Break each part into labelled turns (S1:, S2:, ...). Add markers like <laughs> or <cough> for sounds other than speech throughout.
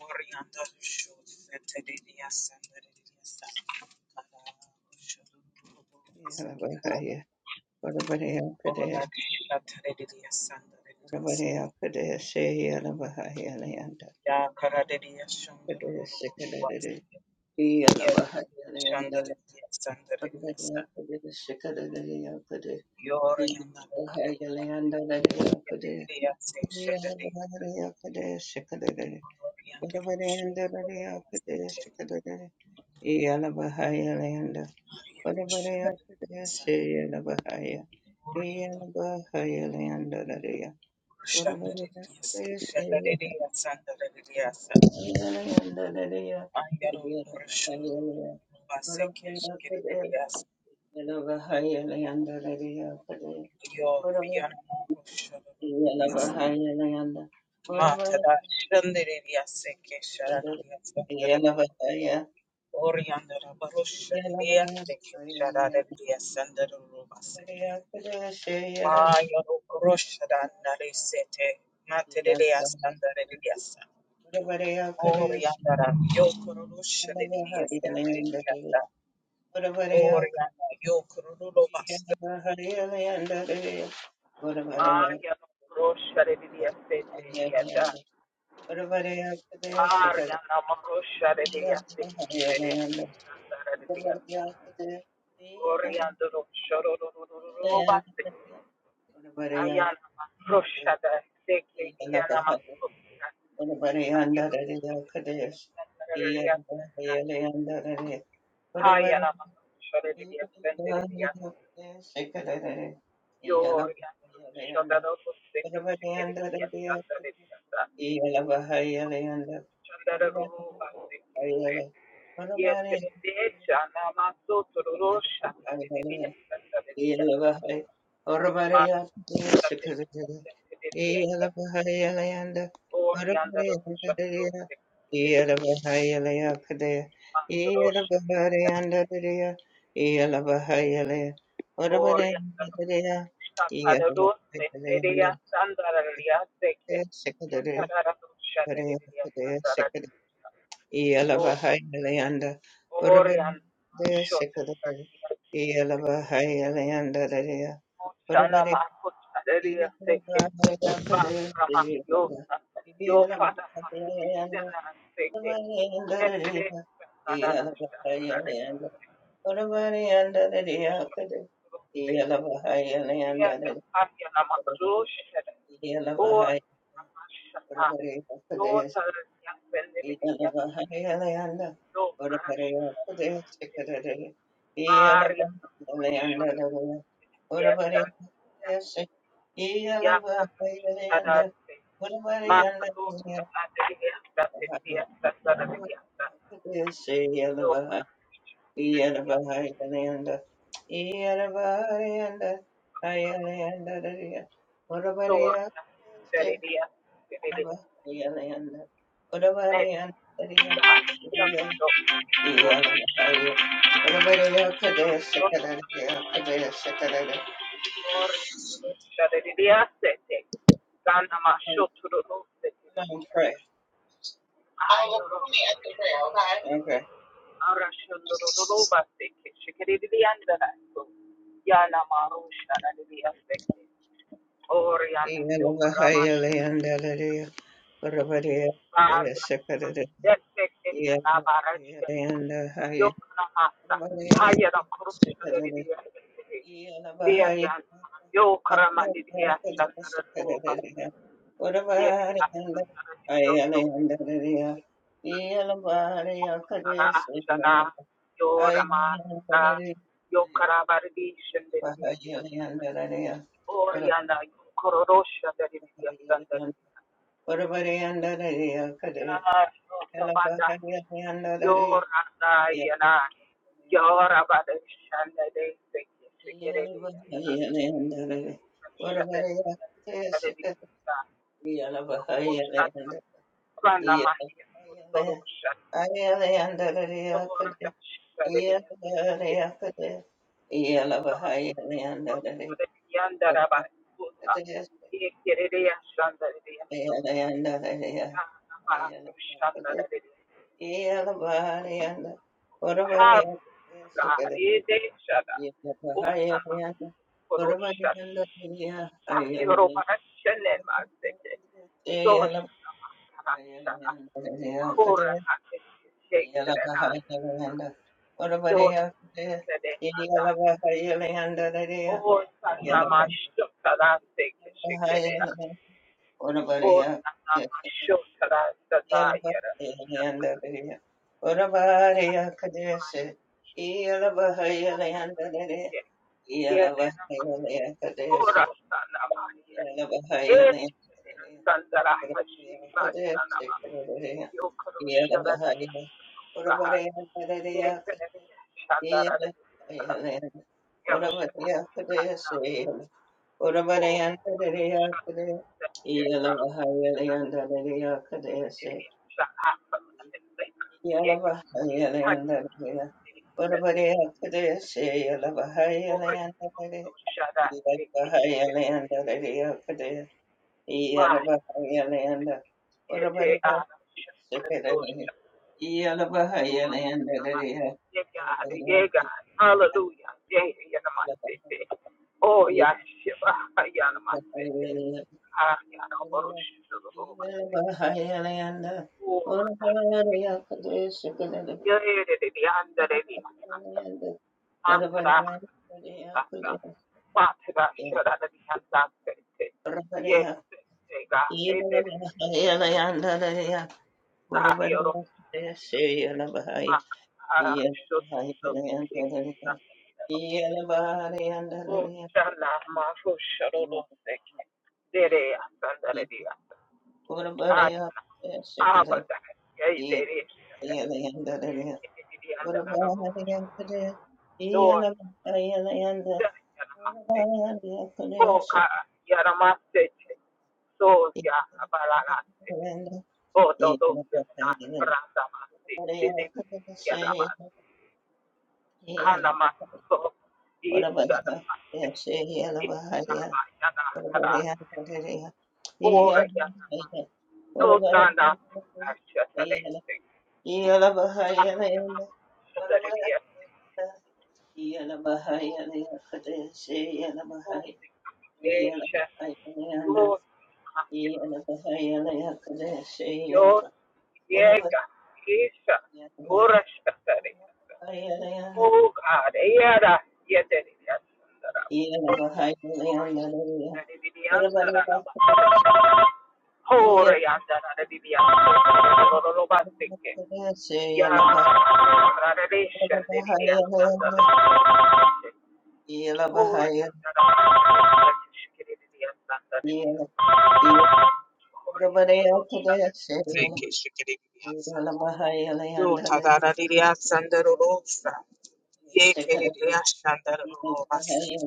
S1: Warrianda showed Fetelidia Sandelidia Sakala Shudurubulasiki
S2: Yarabahaye Barabareya Kadesi
S1: Oladiya Telidia Sandelidia
S2: Barabareya Kadesi Yarabahaye Alayanda
S1: Ya Karadidia
S2: Kadesi Kadere
S1: Shundurubulasiki
S2: Yarabahaye
S1: Yedidia
S2: Alayanda
S1: Shandelidia Sandelidia
S2: Barabareya Kadesi Kadere Kadesi
S1: Yorianda
S2: Yarabahaye Alayanda Barabareya Kadesi
S1: Yedidia Seshadadi
S2: Yarabahaye Kadesi Kadere
S1: Orianda
S2: Barabareya Kadesi
S1: Shundurubulasiki
S2: Kadere Yarabahaye
S1: Maria
S2: Parabrahmaya
S1: Shadadi
S2: Pradeshaya Navahaya Iya
S1: Orianda
S2: Navahaya Leandadariya Parabrahmaya
S1: Shandariliasa,
S2: Pradeshaya
S1: Shandariliasa, Shandariliasa.
S2: Navahaya Leandadariya
S1: Ayaro,
S2: Iya Navahaya
S1: Roshoro,
S2: Leandadariya
S1: Baseke,
S2: Parabrahmaya Pradeshaya
S1: Shikiriliasa.
S2: Navahaya Leandadariya
S1: Yo,
S2: Parabrahmaya
S1: Yanamo, Roshoro,
S2: Iya
S1: Bas.
S2: Navahaya Leanda Parabrahmaya
S1: Matada, Shandariliasa, Shandariliasa,
S2: Iya
S1: Shandariliasa.
S2: Navahaya
S1: Oriandara, Barosha,
S2: Iya Navahaya Leanda
S1: Diliasa,
S2: Parabrahmaya
S1: Shandariliasa, Shandariliasa.
S2: Pradeshaya
S1: Maya, Roshada, Narisete, Matadiliasa,
S2: Navahaya
S1: Shandariliasa.
S2: Yeah.
S1: Oriana yo Oriandara, Yokorosha de Diasendriasta, Oriana, Yokorolo Basta, Maya Rosha de Diasete, Yada, Ariana Marosha de Diasete, Sandara de Diasta, Oriandro Shororo Basta, Ayana Rosha de Seke, Yana Masuka, Ayana Rosha de Diasete, Hayana Rosha de
S2: Thank
S1: Diasete, Gloria, Shandara Roseki, Shikerekia, Sandarekia, Shandara Ruruba, Sekite, Yeterebecha, Namaso, Tororo, Shandarekia, Sandarekia,
S2: Yelavahai,
S1: Ma,
S2: Oravaraya,
S1: Shandarekia,
S2: Sikadadada,
S1: Sandarekia,
S2: Yelavahai, Yelayanda,
S1: Orianda,
S2: Oravaraya,
S1: Rosha,
S2: Dadaya,
S1: Roseki, Shikerekia,
S2: Yelavahai, Yelaya, Kadaya, Yelavahai,
S1: Masrosha,
S2: Yandadaya, Yelavahai, Yelaya,
S1: Oria
S2: Oravaraya, Dadaya,
S1: Shakadadus
S2: Yelavahai,
S1: and
S2: Yelayanda,
S1: Dedia Sandararia Seke
S2: Sikadadada,
S1: Yataradu
S2: Oravaraya,
S1: Shadadia
S2: Kadaya,
S1: Sandaradu
S2: Sikadadada,
S1: O
S2: Yelavahai, Yelayanda,
S1: Orian
S2: Oravaraya,
S1: Shot
S2: Sikadadada, Yelavahai, Yelayanda, Dadaya,
S1: Shana Marcus
S2: yeah.
S1: Adaria Seke Ba Rama Yo Yo Father Sandara Seke Yetere Sandarada Shandarada Seke Yada aya namakroshe hede. Or namashata. Yotar yakbeleriya. Yo karasha. Varia namakroshata. Yada. Yada. Tada. Makro. Adriya. Adriya. Adriya. Yo karasha. Adriya.
S2: Yeah pray. I'll go through me after prayer, Okay. Okay. Yeah. Yeah. Yeah. Yalavahayalayandalavaya. Varavareyakadeshe yalavahayalayandalavaya. Yalavahayalayandalavayakadeshe yalavahayalanda. Varavareyakadeshe yalavahayalayandalavaya. Varavareyakadeshe yalavahayalayandalavaya. Yalavahayalanda. Varavareyakadeshe Yeah. Yeah. Yeah.
S1: Rekeshe kereriya. Yo tadara riya sandarosa. yekerere ashandara
S2: Yes.
S1: roba seke.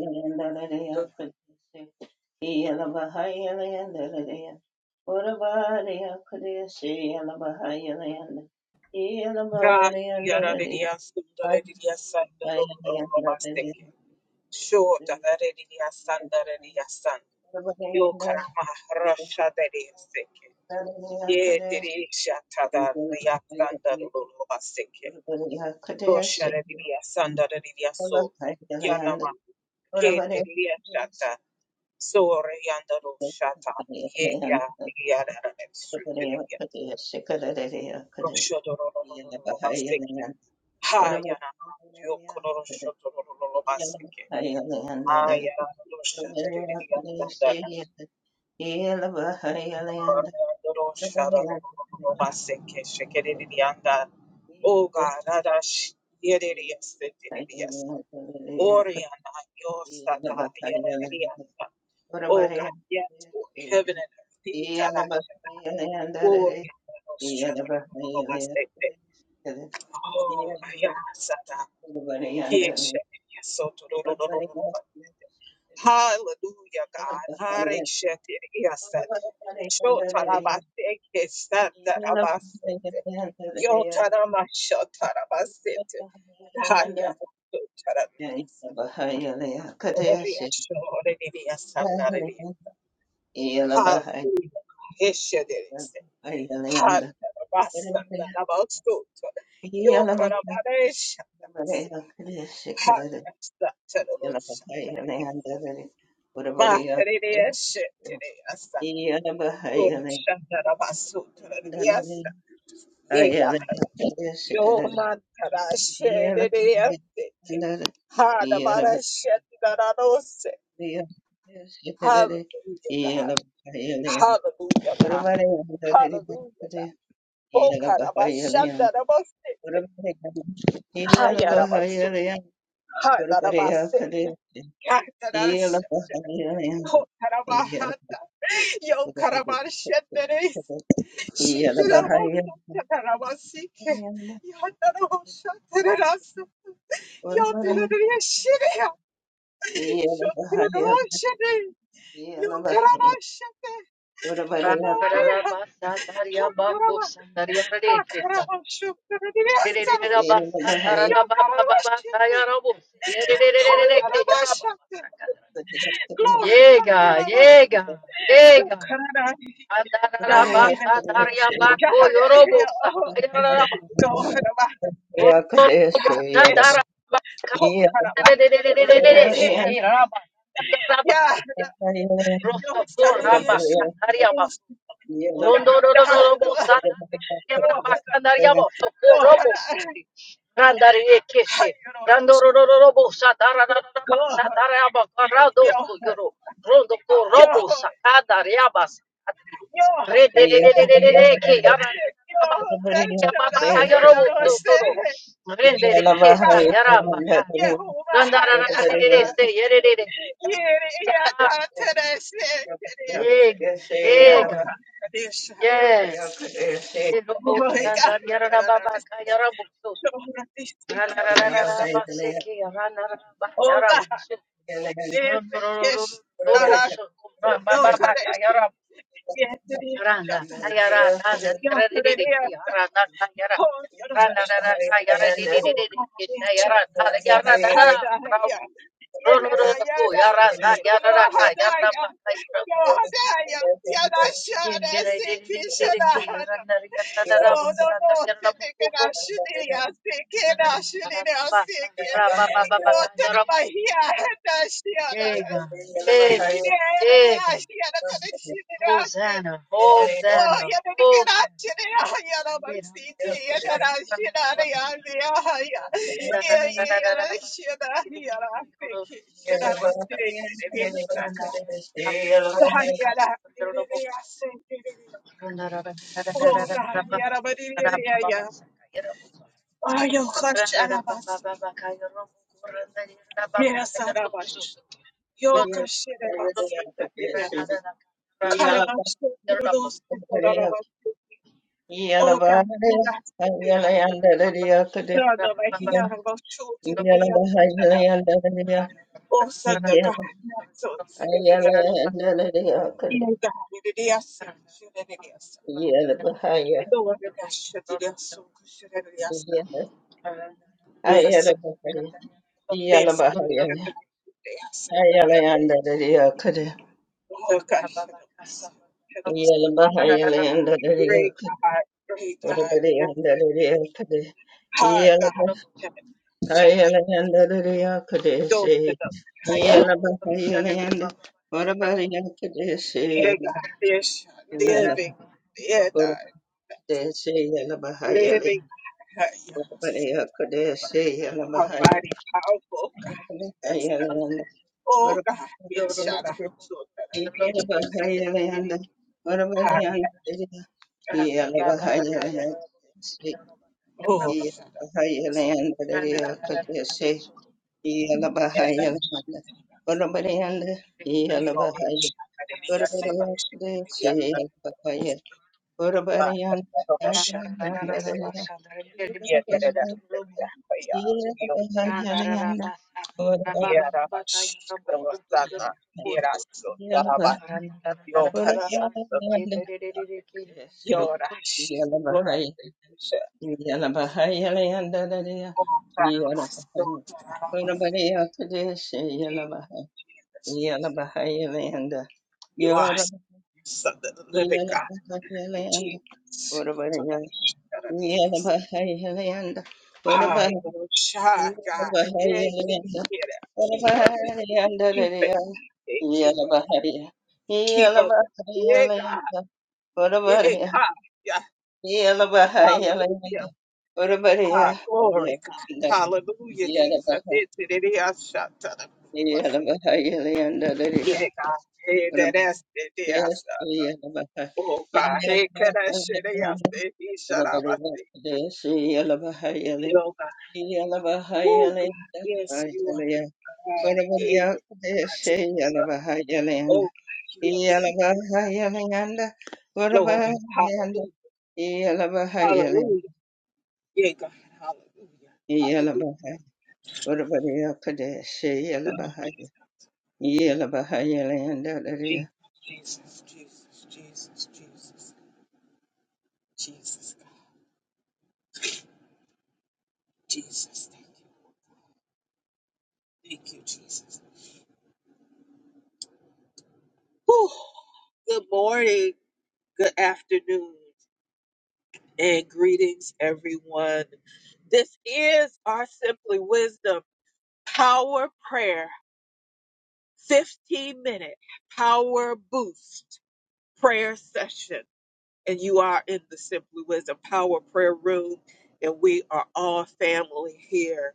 S1: God yarariya sundarariya sandaro roba seke. Shota darariya sandarariya san. Yo karama rasha dariya seke. Ye dirisha tadariya sandaro roba seke. Rosha dariya sandarariya so. Yanama ke dariya shata. Sore yandaro shata. Ye ga yarara
S2: Yeah.
S1: Roshodororororobaseke. Hayana yokororoshodorororobaseke. Ayaradoshaderedidiandara. Aradorosharorororobaseke. Shekeredidiandara. Oh God, Adash Yeridiasetiridiasa. Oriana Yosata Yerediasa. Oh God, yes, Lord, heaven and earth, Itara. Oriana Roshodorororobaseke. Oh, Ayasata. Yes,
S2: Yellow,
S1: yes, so to- do- do- do- do- do- do. Hallelujah, God. Hare shete, yes, that. Sho tarabate, yes, that tarabasete. Yo tarama, sho tarabasete. Haya, so tarama, yes. Gloria, sho, redevi, yes, narevi. Hallelujah, yes, shete, yes. Ha tarabasa, tarabasto, tar- Yo karabare, shata, se. Ha, that's that, tarabosha. Ba terere she terere asa, Bakarere shetereasa. Urushandarabasotarariasa.
S2: Yeah. Ora bariya,
S1: Yega. Yomantara sherereaseke. Hadabara shendararose. Hallelujah, God. Hallelujah, God. Hallelujah, God. O Ha ha ya rabasu. Ha da Oh, karabashandarabose. Hayarabasu. Hadarabase. Katarashe. Kotarabahata. Yo karabashenderese. Shitirabosotaramasike. Yataraboshatarasa. Yatarariyashiriya. Shotararashide. Yokarabashate.
S2: ora bariya, ora bariya,
S1: Hadawariha. Hotaraba. Makarabashotarariyasa. Yokarabashite. Hotarabashate. Glory. Hayarabasha. Yokararari. Yahira. Yahariya. Yoharaba. Kadesh. Hokaraba. Yeah, yo estaría yo
S2: Yeah.
S1: yo yo yo yo no sé Jehová yata yere yata terese terese yo kadesh oh God yara yo
S2: yellow,
S1: oh God there's the kiss ara yo kadesh Yes, it is. Shut that up. Yes, it is. Oh, you do shut. Oh, God, yes, shut. Hada, yeah. Yeah, Hayada. Yo, Hadaya. Yo, Hadaya. Yada, Shada, Siki, Shada, Hada. Yo, no, no, Siki, na, Shidi, ya, Siki, na, Shidi, Siki. Yo, Tanuma, Hiya, Hada, Shia, Yeah, yeah, Shia, na, Oh, ya no ni kira chire ya ya no basti ti ya na na shira na ya ya ya ya ya ya na shira ya na se ki shira na se ne ne na sa ka ya na ne ne ya se ne ne oh ka ya na bari ne ya ya ay yo ka shara bas ya sara bas yo ka
S2: Yeah,
S1: shira bas ne ya kara bas ne ro se ra bas oh ka shira No, no, but he had about two to the day after. that. Oh, son, the God, not so, said the day. He had the day after, she had the day after. The door of the dash, the day after, she had the day after. Yes, yes, she had the day after. Oh, God, she had the day after. Great God, great God, yes, hard God, heaven, shut it. Don't
S2: Kadeshi.
S1: set up, I am,
S2: Yala Baba Yalayanda. What about Yala
S1: yeah,
S2: Kadeshi?
S1: God, yes,
S2: Yala
S1: living, yeah,
S2: Baba Kadeshi. Yala Baha
S1: living
S2: Yalayanda.
S1: God,
S2: What about
S1: yes,
S2: Yala Kadeshi? Yala
S1: our
S2: Baha
S1: body powerful. God, Yes, God.
S2: Yalayanda. What
S1: Oh
S2: about
S1: God, yes, shout out
S2: Kadeshi?
S1: to God.
S2: Yala
S1: Yes,
S2: Baha Yalayanda. What about
S1: God.
S2: Yala Kadeshi? Yala
S1: Yes,
S2: Baha Yalayanda. Yala Baha Yalayanda. Kadeshi.
S1: Oh,
S2: Yala
S1: shout out.
S2: Baha
S1: Yes,
S2: Yalayanda. What about
S1: God. We are
S2: Yala?
S1: shout out. And Yes,
S2: Yalabahayalanda,
S1: God. Yes, God. But for the revolution, yes, God. Yeah, da, da, da, da, da. But, yeah, we are God. Yeah, da, ba, sh- do, sa, da. Yeah, da, so, da, da, ba. Yo, God, yeah. Yorash, Yorash, Yorash. Oh, Tarabas, oh, Tarabas. Gee, Jesus, Jesus. You are
S2: Yora,
S1: son of the living God, Jesus. Yeah,
S2: Yalabahayalanda,
S1: Tarabas, Tarabas.
S2: Yelabahayalanda,
S1: Hi,
S2: Urabahayalanda,
S1: Yorash, God. Yeah, yeah, yeah. Keep us,
S2: Urabahayalanda,
S1: keep it, yeah, keep us,
S2: Yelabahaya, Yelabahayalanda, Urabahaya,
S1: keep us. Yeah, God.
S2: Yelabahayalanda,
S1: Yeah,
S2: Urabahaya,
S1: yeah,
S2: Yelabahayalanda, Yelabahayalanda, Urabahaya, Yelabahaya, Yelabahayalanda, Urabahaya, Yelabahayalanda,
S1: yeah.
S2: Yelabahayalanda, Good morning, everyone. I will share
S1: You are able. Glory, hallelujah, hallelujah. Yeah, God, hallelujah, hallelujah. Jesus, Jesus, Jesus, Jesus, Jesus, God, Jesus, thank you. Thank you, Jesus. Whew. Good morning, good afternoon, and greetings, everyone. This is our Simply Wisdom Power Prayer 15 minute power boost prayer session. And you are in the Simply Wisdom Power Prayer Room, and we are all family here.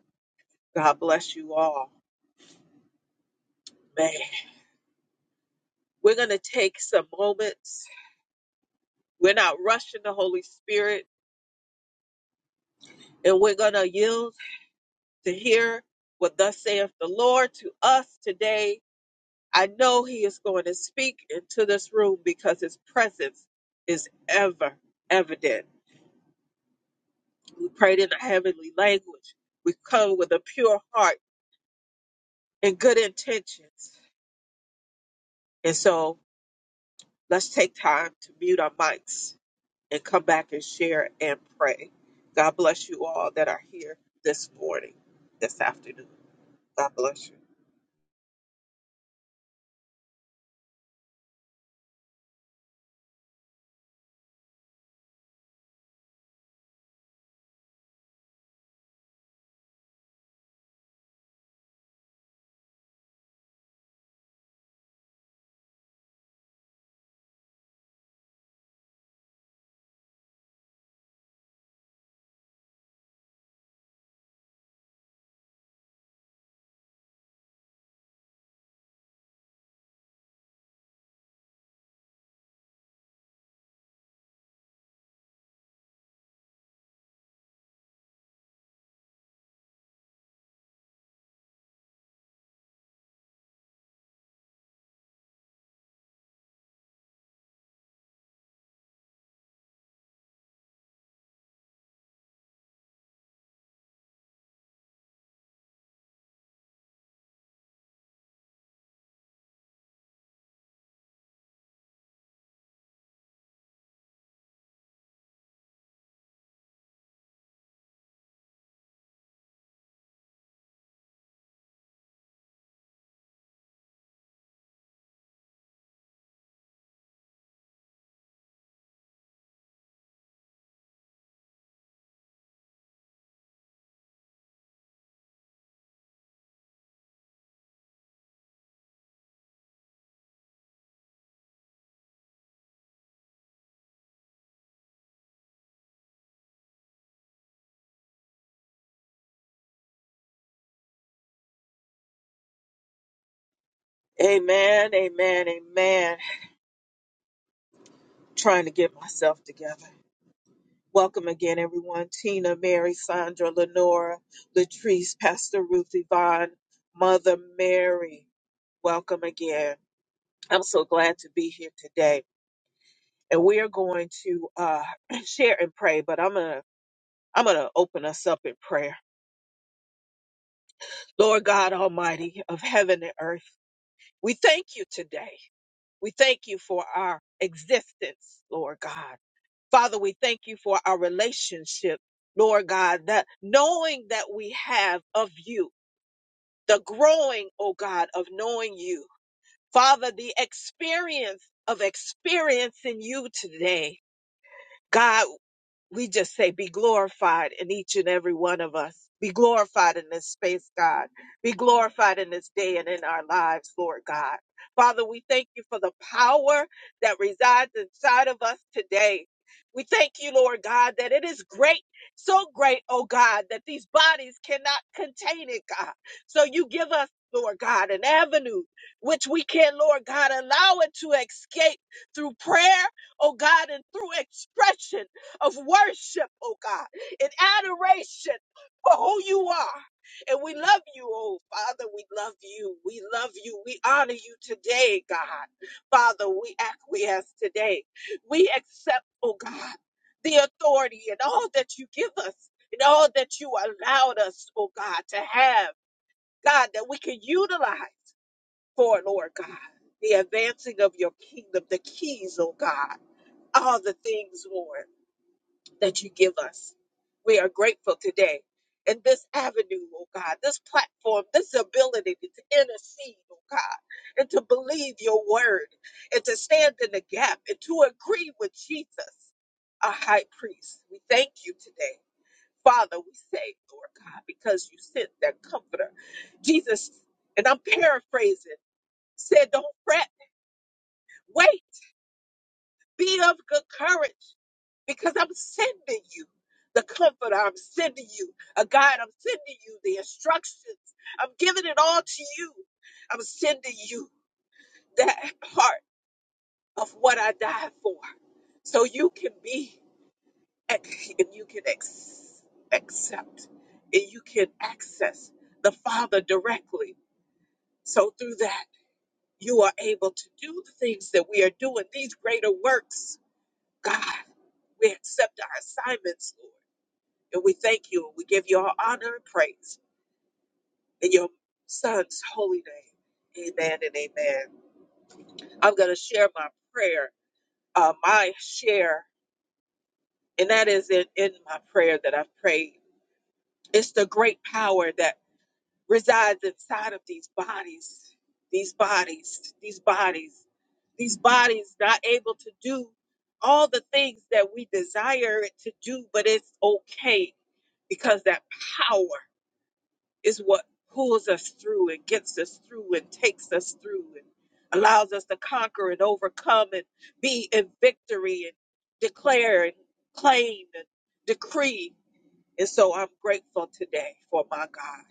S1: Amen, amen, amen. trying to get myself together. Welcome again, everyone. Tina, Mary, Sandra, Lenora, Latrice, Pastor Ruth, Yvonne, Mother Mary. Welcome again. I'm so glad to be here today. And we are going to uh, <clears throat> share and pray, but I'm going to I'm going to open us up in prayer. Lord God Almighty of heaven and earth, we thank you today. We thank you for our existence, Lord God. Father, we thank you for our relationship, Lord God, that knowing that we have of you, the growing, oh God, of knowing you. Father, the experience of experiencing you today. God, we just say be glorified in each and every one of us. Be glorified in this space, God. Be glorified in this day and in our lives, Lord God. Father, we thank you for the power that resides inside of us today. We thank you, Lord God, that it is great, so great, oh God, that these bodies cannot contain it, God. So you give us, Lord God, an avenue which we can, Lord God, allow it to escape through prayer, oh God, and through expression of worship, oh God, in adoration for who you are. And we love you, oh Father, we love you. We love you. We honor you today, God. Father, we acquiesce today. We accept, oh God, the authority and all that you give us and all that you allowed us, oh God, to have, God, that we can utilize for, Lord God, the advancing of your kingdom, the keys, oh God, all the things, Lord that you give us. We are grateful today. And this avenue, oh God, this platform, this ability to intercede, oh God, and to believe your word, and to stand in the gap, and to agree with Jesus, our high priest. We thank you today. Father, we say, Lord God, because you sent that comforter. Jesus, and I'm paraphrasing, said, Don't fret, wait. Be of good courage because I'm sending you the comforter. I'm sending you a guide. I'm sending you the instructions. I'm giving it all to you. I'm sending you that part of what I died for so you can be ex- and you can ex- accept and you can access the Father directly. So through that, you are able to do the things that we are doing, these greater works. God, we accept our assignments, Lord. And we thank you. and We give you all honor and praise in your son's holy name. Amen and amen. I'm going to share my prayer, uh, my share, and that is in, in my prayer that I've prayed. It's the great power that resides inside of these bodies, these bodies, these bodies, these bodies not able to do all the things that we desire it to do, but it's okay because that power. Is what pulls us through and gets us through and takes us through and allows us to conquer and overcome and be in victory and declare and claim and decree. And so I'm grateful today for my God.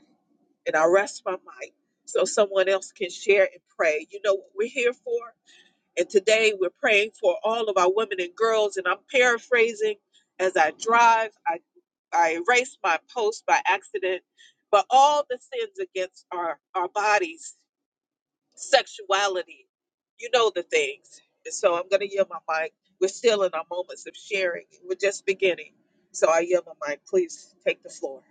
S1: And I rest my mic so someone else can share and pray. You know what we're here for? And today we're praying for all of our women and girls. And I'm paraphrasing as I drive. I I erased my post by accident, but all the sins against our, our bodies, sexuality, you know the things. And so I'm going to yield my mic. We're still in our moments of sharing. We're just beginning. So I yield my mic. Please take the floor.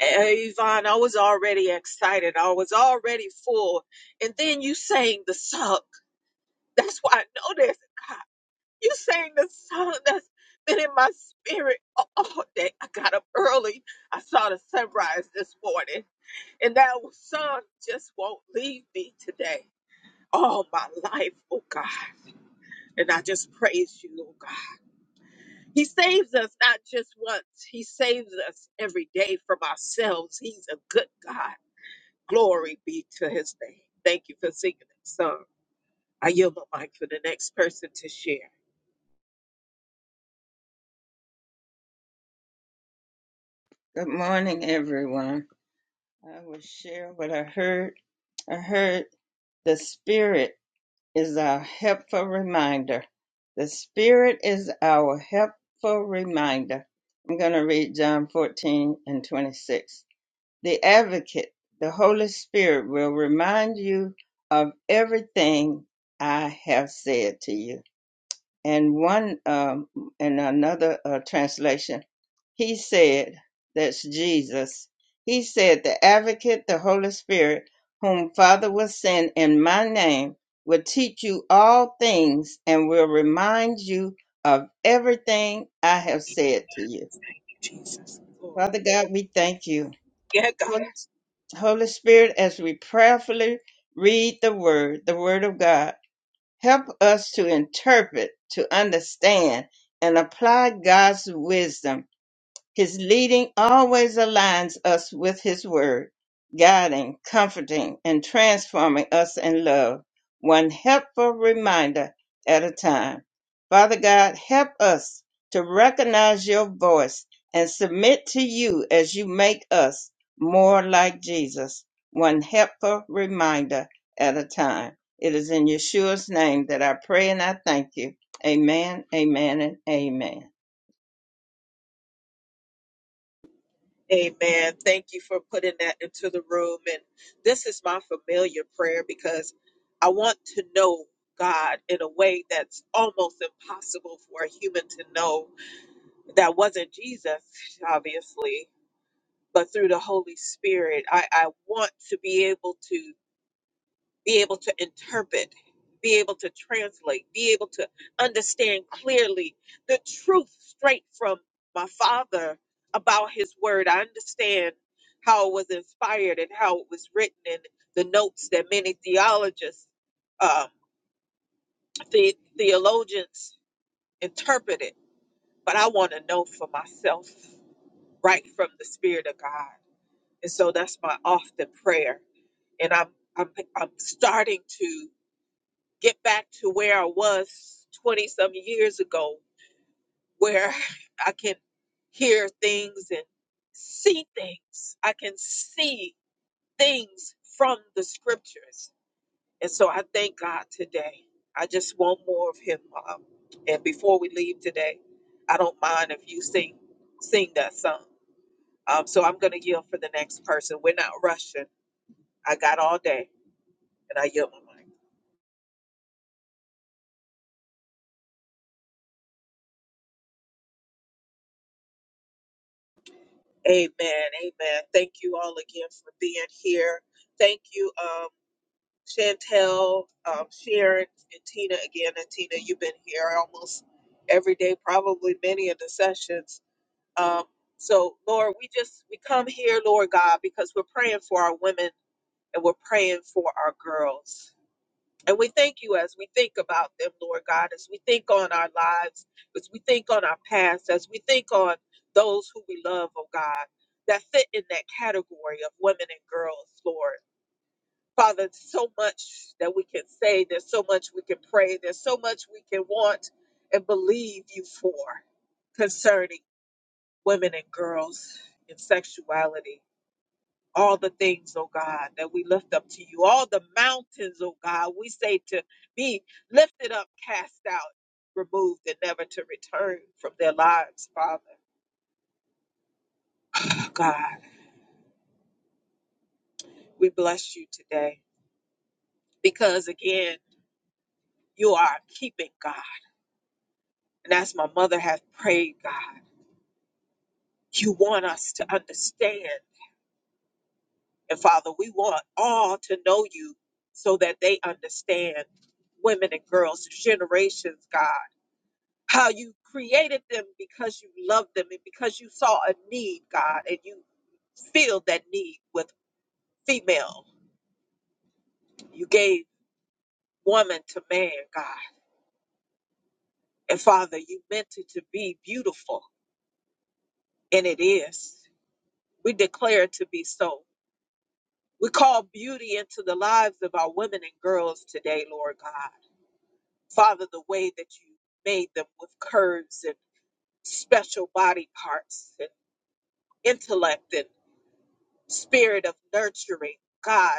S1: Eh, Yvonne, I was already excited. I was already full. And then you sang the song. That's why I know there's a God. You sang the song that's been in my spirit a- all day. I got up early. I saw the sunrise this morning, and that song just won't leave me today. All my life, oh God. And I just praise you, oh God. He saves us not just once, He saves us every day from ourselves. He's a good God. Glory be to His name. Thank you for singing that song. I yield my mic for the next person to share.
S2: what I heard. I heard the Spirit is our helpful reminder. The Spirit is our helpful reminder. I'm going to read John 14 and 26. The Advocate, the Holy Spirit, will remind you of everything I have said to you. And one, um, and another uh, translation, he said, that's Jesus. He said, the advocate, the Holy Spirit, whom Father will send in my name, will teach you all things and will remind you of everything I have said to you.
S1: Jesus, Lord.
S2: Father God, we thank you.
S1: Yeah, God.
S2: Holy Spirit, as we prayerfully read the Word, the Word of God, help us to interpret, to understand, and apply God's wisdom his leading always aligns us with His Word, guiding, comforting, and transforming us in love, one helpful reminder at a time. Father God, help us to recognize your voice and submit to you as you make us more like Jesus, one helpful reminder at a time. It is in Yeshua's name that I pray and I thank you. Amen, amen, and amen.
S1: Amen. Thank you for putting that into the room. And this is my familiar prayer because I want to know God in a way that's almost impossible for a human to know. That wasn't Jesus, obviously, but through the Holy Spirit. I, I want to be able to be able to interpret, be able to translate, be able to understand clearly the truth straight from my father about his word. I understand how it was inspired and how it was written and the notes that many theologists, uh, the, theologians interpret it. But I want to know for myself right from the Spirit of God. And so that's my often prayer. And I'm, I'm, I'm starting to get back to where I was 20 some years ago, where <laughs> I can hear things and see things. I can see things from the scriptures. And so I thank God today. I just want more of him, Mom. And before we leave today, I don't mind if you sing sing that song. Um, so I'm gonna yield for the next person. We're not rushing. I got all day and I yield my mic. Amen. Amen. Thank you all again for being here. Thank you, um, Chantel, um, Sharon, and Tina again. And Tina, you've been here almost every day, probably many of the sessions. Um, so, Lord, we just we come here, Lord God, because we're praying for our women and we're praying for our girls. And we thank you as we think about them, Lord God, as we think on our lives, as we think on our past, as we think on those who we love, oh God, that fit in that category of women and girls, Lord. Father, There's so much that we can say, there's so much we can pray, there's so much we can want and believe you for concerning women and girls and sexuality all the things, oh God, that we lift up to you, all the mountains, oh God, we say to be lifted up, cast out, removed, and never to return from their lives, Father. Oh God, we bless you today because again, you are a keeping God. And as my mother has prayed, God, you want us to understand. And Father, we want all to know you so that they understand women and girls, generations, God. how you created them because you loved them and because you saw a need, God, and you filled that need with female. You gave woman to man, God. And Father, you meant it to be beautiful, and it is. We declare it to be so. We call beauty into the lives of our women and girls today, Lord God. Father, the way that you made them with curves and special body parts and intellect and spirit of nurturing, God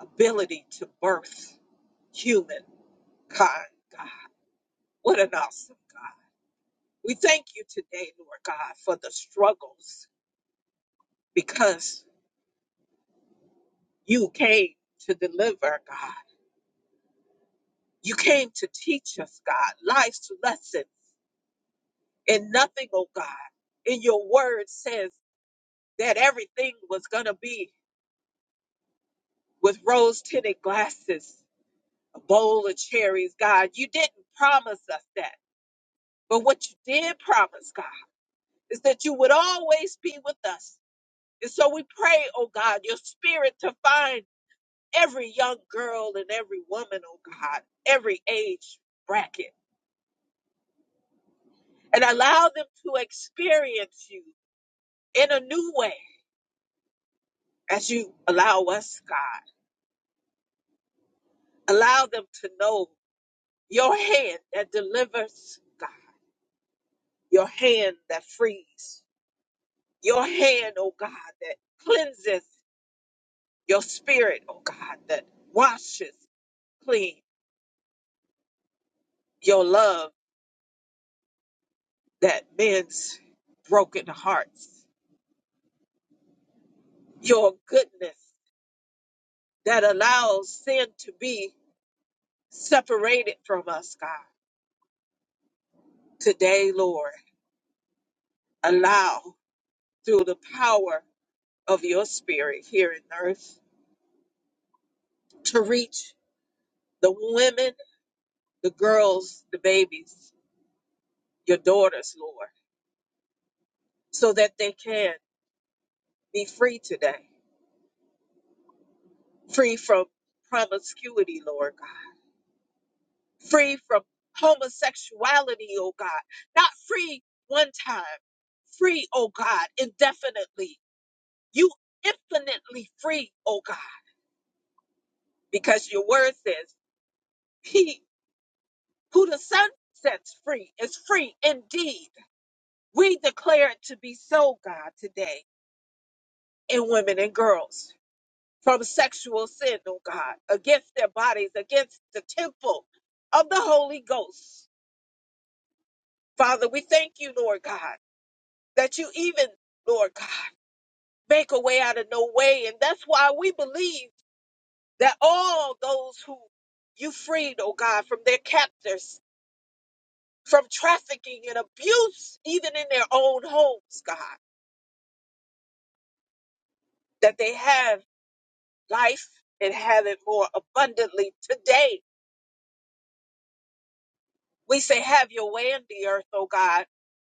S1: ability to birth humankind. What an awesome God. We thank you today, Lord God, for the struggles because you came to deliver, God. You came to teach us, God, life's lessons and nothing, oh God. In your word says that everything was going to be with rose tinted glasses, a bowl of cherries, God. You didn't promise us that. But what you did promise, God, is that you would always be with us And so we pray, oh God, your spirit to find every young girl and every woman, oh God, every age bracket, and allow them to experience you in a new way as you allow us, God. Allow them to know your hand that delivers, God, your hand that frees, your hand, oh God, that cleanses, your spirit, oh God, that washes clean, your love that mends broken hearts. Your goodness that allows sin to be separated from us, God. Today, Lord, allow through the power of your spirit here in earth to reach the women, the girls, the babies, your daughters, Lord, so that they can be free today, free from promiscuity, Lord God free from homosexuality, oh God. Not free one time, free, oh God, indefinitely. You infinitely free, oh God, because your word says, He who the Son sets free is free indeed. We declare it to be so, God, today in women and girls from sexual sin, oh God, against their bodies, against the temple of the Holy Ghost. Father, we thank you, Lord God. that you even, Lord God, make a way out of no way. And that's why we believe that all those who you freed, oh God, from their captors, from trafficking and abuse, even in their own homes, God, that they have life and have it more abundantly today. We say, have your way in the earth, oh God.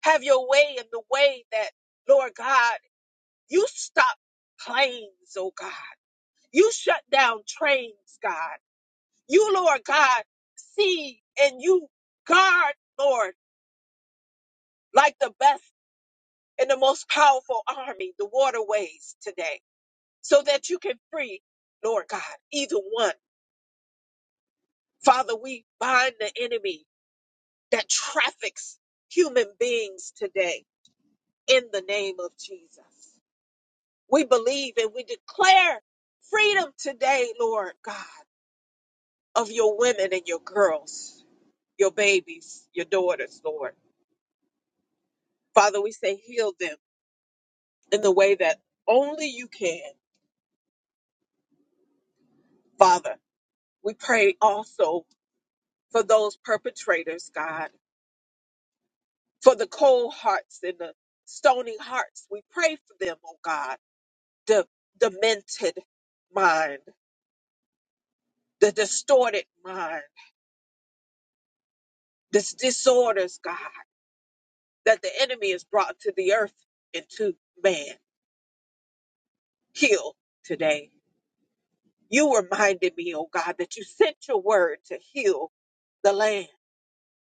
S1: Have your way in the way that, Lord God, you stop planes, oh God. You shut down trains, God. You, Lord God, see and you guard, Lord, like the best and the most powerful army, the waterways today, so that you can free, Lord God, either one. Father, we bind the enemy that traffics human beings today in the name of Jesus. We believe and we declare freedom today, Lord God, of your women and your girls, your babies, your daughters, Lord. Father, we say, heal them in the way that only you can. Father, we pray also for those perpetrators, God, for the cold hearts and the stony hearts. We pray for them, oh God, the demented mind, the distorted mind, this disorders, God, that the enemy has brought to the earth and to man. Heal today. You reminded me, oh God, that you sent your word to heal the land.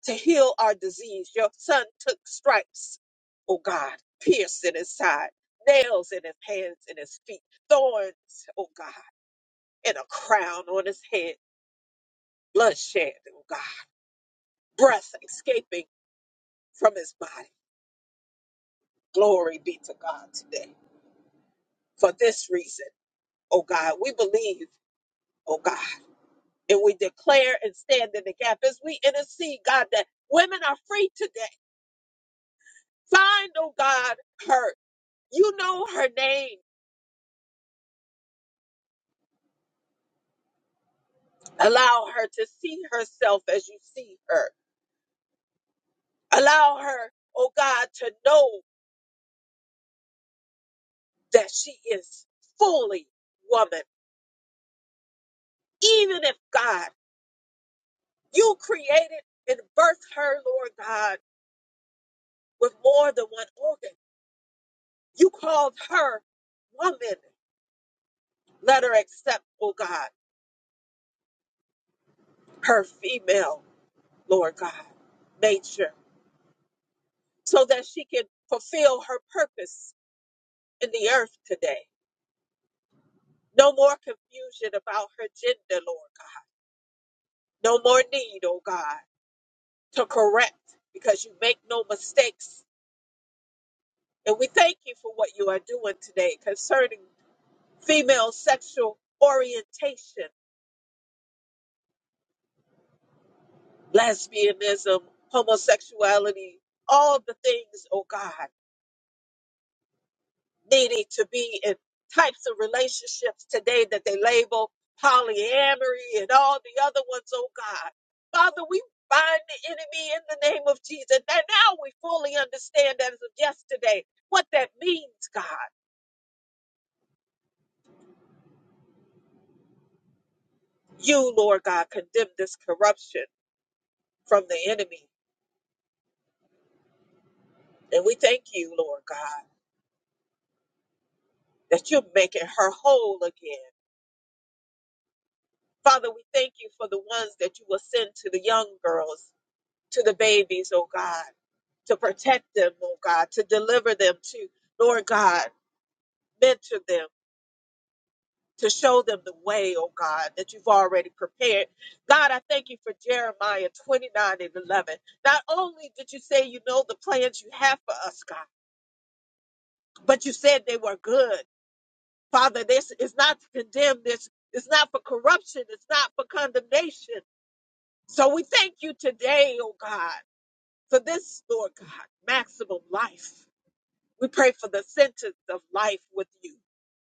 S1: to heal our disease. Your son took stripes, oh God, pierced in his side, nails in his hands and his feet, thorns, oh God, and a crown on his head, bloodshed, oh God, breath escaping from his body. Glory be to God today. For this reason, oh God, we believe, oh God, and we declare and stand in the gap as we intercede, God, that women are free today. Find, oh God, her. You know her name. Allow her to see herself as you see her. Allow her, oh God, to know that she is fully woman. Even if God, you created and birthed her, Lord God, with more than one organ. You called her woman. Let her accept, oh God, her female, Lord God, nature so that she can fulfill her purpose in the earth today. No more confusion about her gender, Lord God. No more need, oh God, to correct because you make no mistakes. And we thank you for what you are doing today concerning female sexual orientation, lesbianism, homosexuality, all the things, oh God. needing to be in types of relationships today that they label polyamory and all the other ones, oh God. Father, we bind the enemy in the name of Jesus. And now we fully understand as of yesterday what that means, God. You, Lord God, condemn this corruption from the enemy. And we thank you, Lord God, that you're making her whole again. Father, we thank you for the ones that you will send to the young girls to the babies, oh God, to protect them, oh God, to deliver them, to, Lord God, mentor them, to show them the way, oh God, that you've already prepared. God, I thank you for Jeremiah 29 and 11. Not only did you say you know the plans you have for us, God, but you said they were good. Father, this is not to condemn this. It's not for corruption. It's not for condemnation. So we thank you today, oh God, for this, Lord God, maximum life. We pray for the sentence of life with you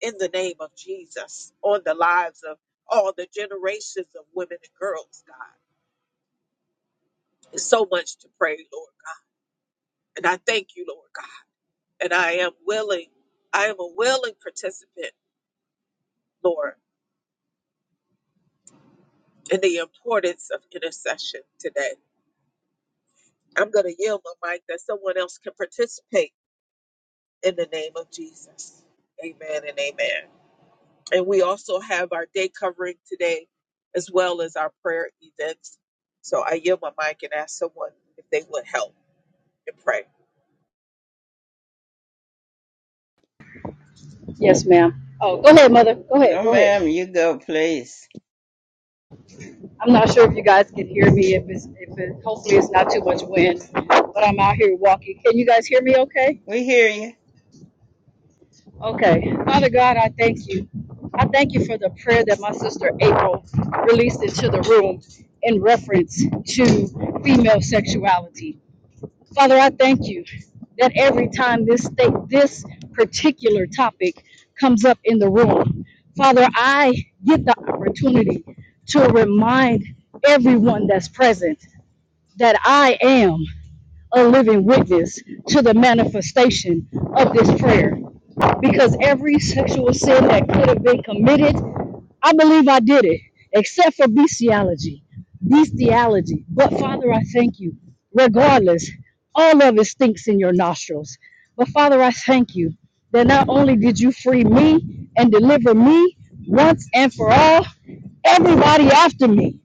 S1: in the name of Jesus on the lives of all the generations of women and girls, God. There's so much to pray, Lord God. And I thank you, Lord God. And I am willing, I am a willing participant, Lord, in the importance of intercession today. I'm going to yield my faith in the amen. And we, as so,
S3: Yes, ma'am. Oh, go ahead, mother. Go ahead.
S2: No,
S3: Go ahead.
S2: ma'am, you go, please.
S3: I'm not sure if you guys can hear me. If it's, if it, hopefully it's not too much wind, but I'm out here walking. Can you guys hear me? Okay.
S2: We hear you.
S3: Okay. Father God, I thank you. I thank you for the prayer that my sister April released into the room in reference to female sexuality. Father, I thank you that every time this state, this particular topic comes up in the room, Father, I get the opportunity to remind everyone that's present that I am a living witness to the manifestation of this prayer. Because every sexual sin that could have been committed I believe I did it, except for bestiality. Bestiality. But Father, I thank you. Regardless, all of it stinks in your nostrils. But Father, I thank you that not only did you free me and deliver me once and for all, everybody after me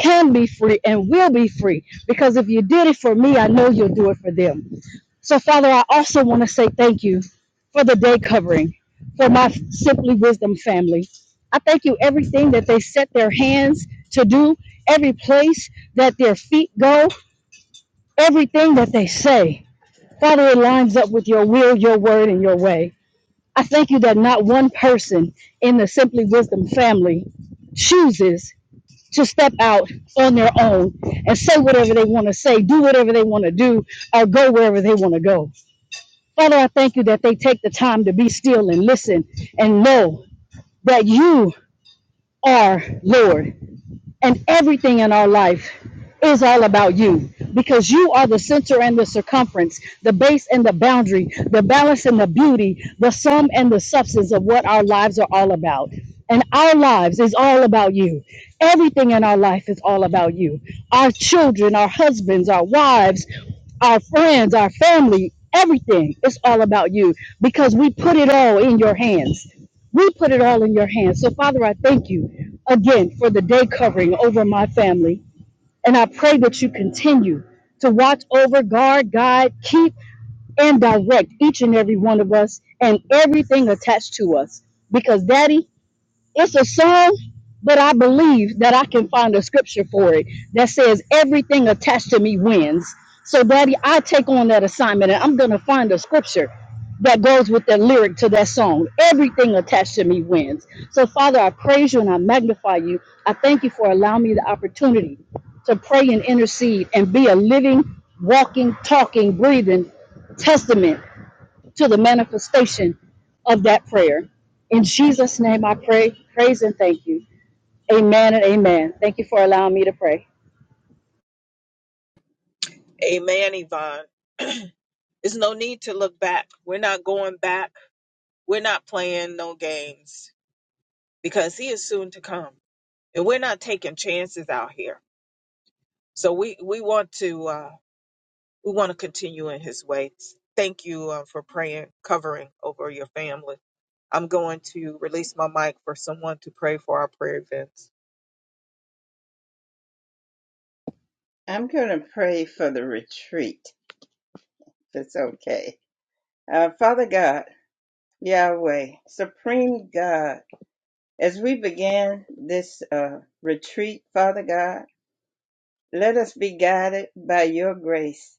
S3: can be free and will be free because if you did it for me, I know you'll do it for them. So, Father, I also want to say thank you for the day covering for my Simply Wisdom family. I thank you everything that they set their hands to do, every place that their feet go, everything that they say. Father, it lines up with your will, your word, and your way. I thank you that not one person in the Simply Wisdom family chooses to step out on their own and say whatever they want to say, do whatever they want to do, or go wherever they want to go. Father, I thank you that they take the time to be still and listen and know that you are Lord and everything in our life is all about you because you are the center and the circumference, the base and the boundary, the balance and the beauty, the sum and the substance of what our lives are all about. And our lives is all about you. Everything in our life is all about you. Our children, our husbands, our wives, our friends, our family, everything is all about you because we put it all in your hands. We put it all in your hands. So, Father, I thank you again for the day covering over my family. And I pray that you continue to watch over, guard, guide, keep, and direct each and every one of us and everything attached to us. Because, Daddy, it's a song, but I believe that I can find a scripture for it that says everything attached to me wins. So, Daddy, I take on that assignment and I'm going to find a scripture that goes with that lyric to that song. Everything attached to me wins. So, Father, I praise you and I magnify you. I thank you for allowing me the opportunity to pray and intercede and be a living, walking, talking, breathing testament to the manifestation of that prayer. In Jesus' name I pray, praise, and thank you. Amen and amen. Thank you for allowing me to pray.
S1: amen, Yvonne. There's no need to look back. We're not going back. We're not playing no games because he is soon to come and we're not taking chances out here so we we want to uh we want to continue in his ways thank you uh, for praying covering over your family i'm going to release my mic for someone to pray for our prayer events
S2: I'm going to pray for the retreat, if it's okay. Uh, Father God, Yahweh, Supreme God, as we begin this uh, retreat, Father God, let us be guided by your grace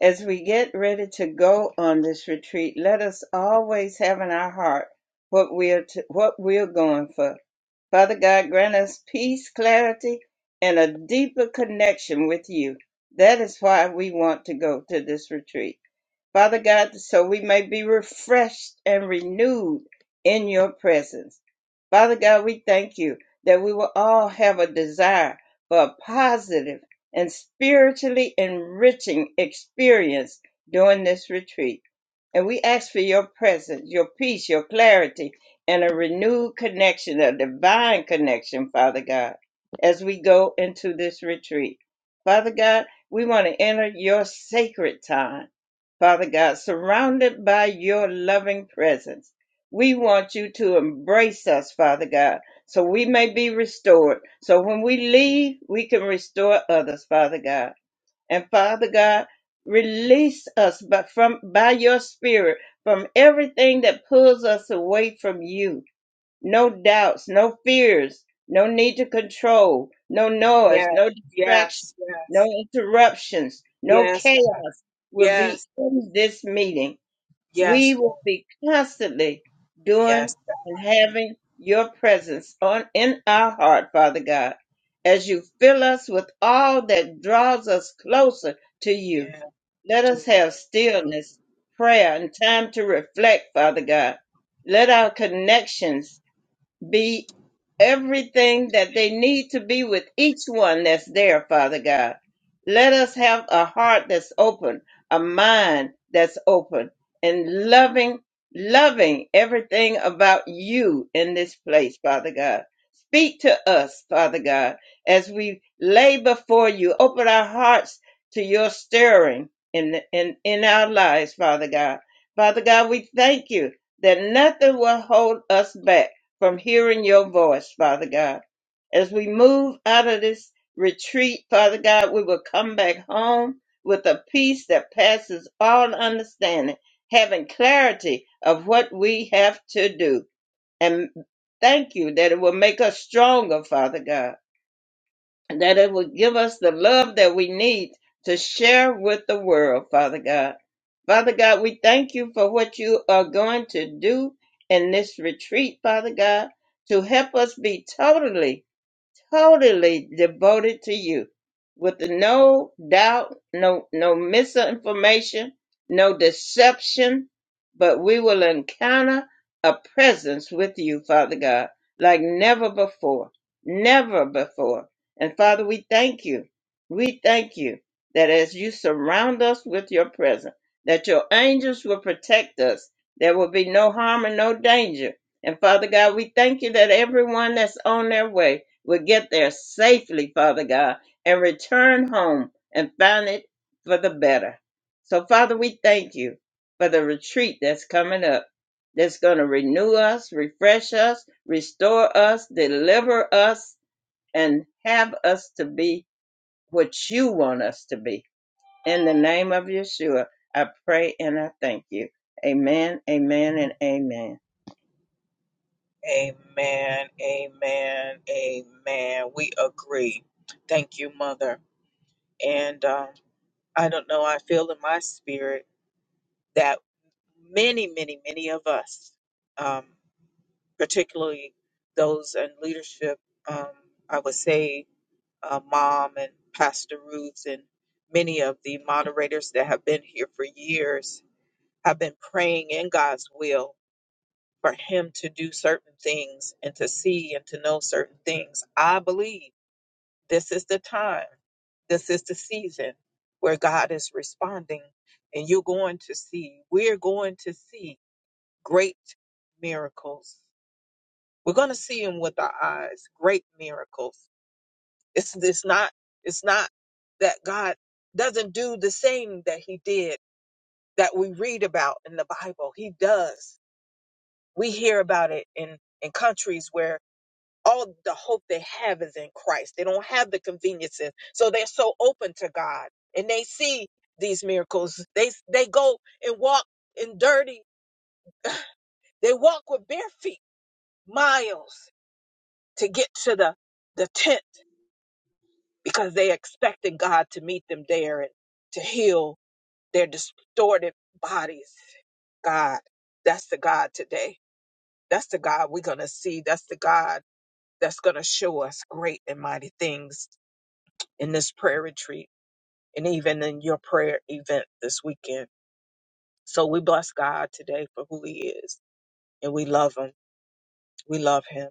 S2: As we get ready to go on this retreat, let us always have in our heart what we're to, what we're going for. Father God, grant us peace, clarity, and a deeper connection with you. That is why we want to go to this retreat. Father God, so we may be refreshed and renewed in your presence. Father God, we thank you that we will all have a desire for a positive and spiritually enriching experience during this retreat. And we ask for your presence, your peace, your clarity, and a renewed connection, a divine connection, Father God, as we go into this retreat. Father God, we want to enter your sacred time Father God, surrounded by your loving presence. We want you to embrace us, Father God, so we may be restored. So when we leave, we can restore others, Father God. And Father God, release us by, from, by your spirit from everything that pulls us away from you no doubts, no fears, no need to control, no noise,
S1: yeah
S2: no distraction,
S1: yes
S2: no
S1: yes
S2: interruptions, no
S1: yes God.
S2: chaos will be
S1: yes
S2: in this meeting. We
S1: yes
S2: will
S1: lord
S2: be constantly doing
S1: yes God.
S2: and having your presence on in our heart, Father God, as you fill us with all that draws us closer to you.
S1: yes
S2: Let
S1: do
S2: us
S1: it
S2: have
S1: lord
S2: stillness, prayer, and time to reflect, Father God. Let our connections be everything that they need to be with each one that's there, Father God. Let us have a heart that's open, a mind that's open, and loving, loving everything about you in this place, Father God. Speak to us, Father God, as we lay before you. Open our hearts to your stirring in, in, in our lives, Father God. Father God, we thank you that nothing will hold us back from hearing your voice, Father God. As we move out of this retreat, Father God, we will come back home with a peace that passes all understanding, having clarity of what we have to do. And thank you that it will make us stronger, Father God and that it would give us the love that we need to share with the world, Father God. Father God, we thank you for what you are going to do in this retreat, Father God, to help us be totally totally devoted to you with no doubt, no, no misinformation, no deception, but we will encounter a presence with you, Father God, like never before, never before. And Father, we thank you. We thank you that as you surround us with your presence, that your angels will protect us. There will be no harm and no danger. And Father God, we thank you that everyone that's on their way will get there safely, Father God, and return home and find it for the better. So, Father, we thank you for the retreat that's coming up, that's going to renew us, refresh us, restore us, deliver us, and have us to be what you want us to be. In the name of Yeshua, I pray and I thank you. Amen, amen, and amen.
S1: Amen. Amen. Amen. We agree. Thank you, Mother. And um, I don't know, I feel in my spirit that many, many, many of us, um, particularly those in leadership, um, I would say uh, Mom and Pastor Ruth and many of the moderators that have been here for years, have been praying in God's will for Him to do certain things, see things. I believe this time. where thing- and you're going to see great miracles. We're going to see them with our eyes, great miracles. It's it's not it's not that God doesn't do the same that He did that we read about in the Bible. He does. We hear about it in in countries where all the hope they have is in Christ. They don't have the conveniences, so they're so open to God and they see these miracles. They they go and walk in dirty. They walk with bare feet miles to get to the, the tent because they expected God to meet them there and to heal their distorted bodies. God, that's the God today. That's the God we're going to see. That's the God that's going to show us great and mighty things in this prayer retreat and even in your prayer event this weekend. So we bless God today for who he is and we love him. We love him.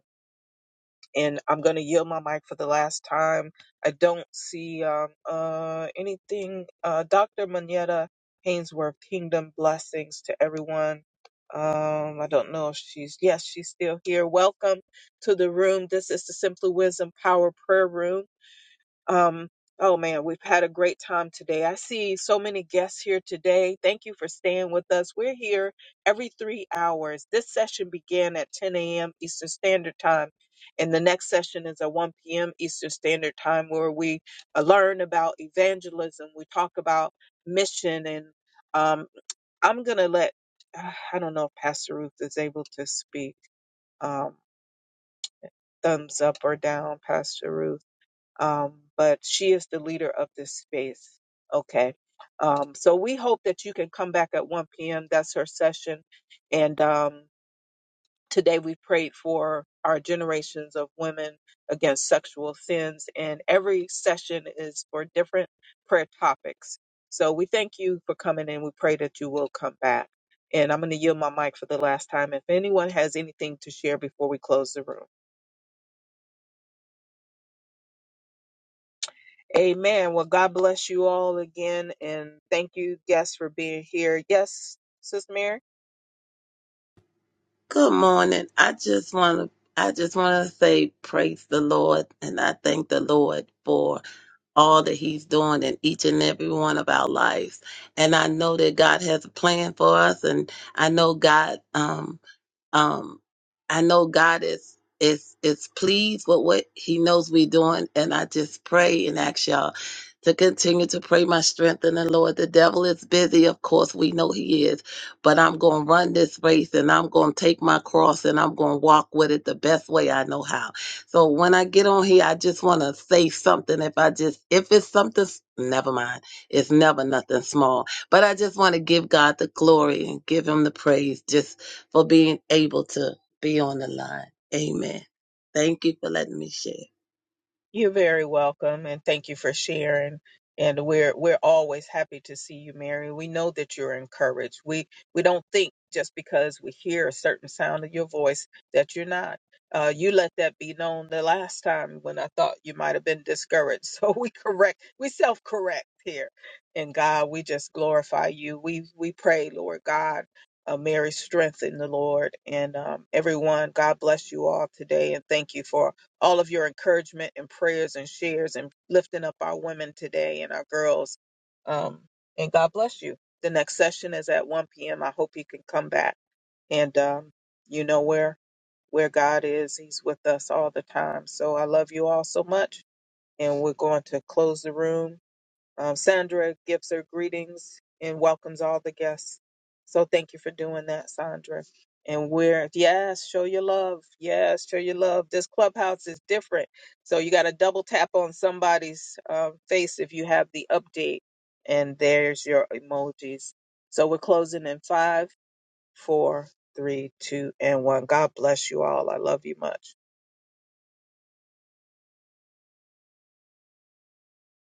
S1: and I'm going to yield my mic for the last time. I don't see um, uh, anything. Uh, Dr. Manetta Hainsworth, kingdom blessings to everyone. Um, I don't know if she's, yes, she's still here. Welcome to the room. This is the Simply Wisdom Power Prayer Room. Um, oh man, we've had a great time today. I see so many guests here today. Thank you for staying with us. We're here every three hours. This session began at 10 a.m. Eastern Standard Time, and the next session is at 1 p.m. Eastern Standard Time, where we uh, learn about evangelism. We talk about mission, and um, I'm gonna let uh, I don't know if Pastor Ruth is able to speak. Um, thumbs up or down, Pastor Ruth um, but she is the leader of this space. Okay. Um, so we hope that you can come back at 1 p.m. That's her session. And um, today we prayed for our generations of women against sexual sins. And every session is for different prayer topics. So we thank you for coming in. We pray that you will come back. And I'm going to yield my mic for the last time. If anyone has anything to share before we close the room. Amen. Well, God bless you all again, and thank you guests for being here. Yes, Sis Mary.
S4: Good morning. I just want to I just want to say praise the Lord and I thank the Lord for all that he's doing in each and every one of our lives. And I know that God has a plan for us and I know God um um, I know God is is is pleased with what He knows we're doing, and I just pray and ask y'all to continue to pray my strength in the Lord. The devil is busy, of course, we know he is, but I'm going to run this race and I'm going to take my cross and I'm going to walk with it the best way I know how. So when I get on here, I just want to say something. If I just, if it's something, s- never mind. It's never nothing small, but I just want to give God the glory and give him the praise. Just for being able to be on the line. Amen. Thank you for letting me share.
S1: You're very welcome, and thank you for sharing. And we're we're always happy to see you, Mary. We know that you're encouraged. We we don't think just because we hear a certain sound of your voice that you're not. Uh, you let that be known the last time when I thought you might have been discouraged. <laughs> So we correct, we self correct here. And God, we just glorify you. We we pray, Lord God, uh, Mary, strengthen the Lord and um, everyone. God bless you all today, and thank you for all of your encouragement and prayers and shares and lifting up our women today and our girls. Um, and God bless you. The next session is at 1 p.m. I hope you can come back. And um, you know where where God is. He's with us all the time. So I love you all so much. And we're going to close the room um, Sandra gives her greetings and welcomes all the guests. So thank you for doing that, Sandra. And we're, yes, show your love. Yes, show your love. This clubhouse is different. So you got to double tap on somebody's uh, face if you have the update. And there's your emojis. So we're closing in five, four, three, two, and one. God bless you all. I love you much.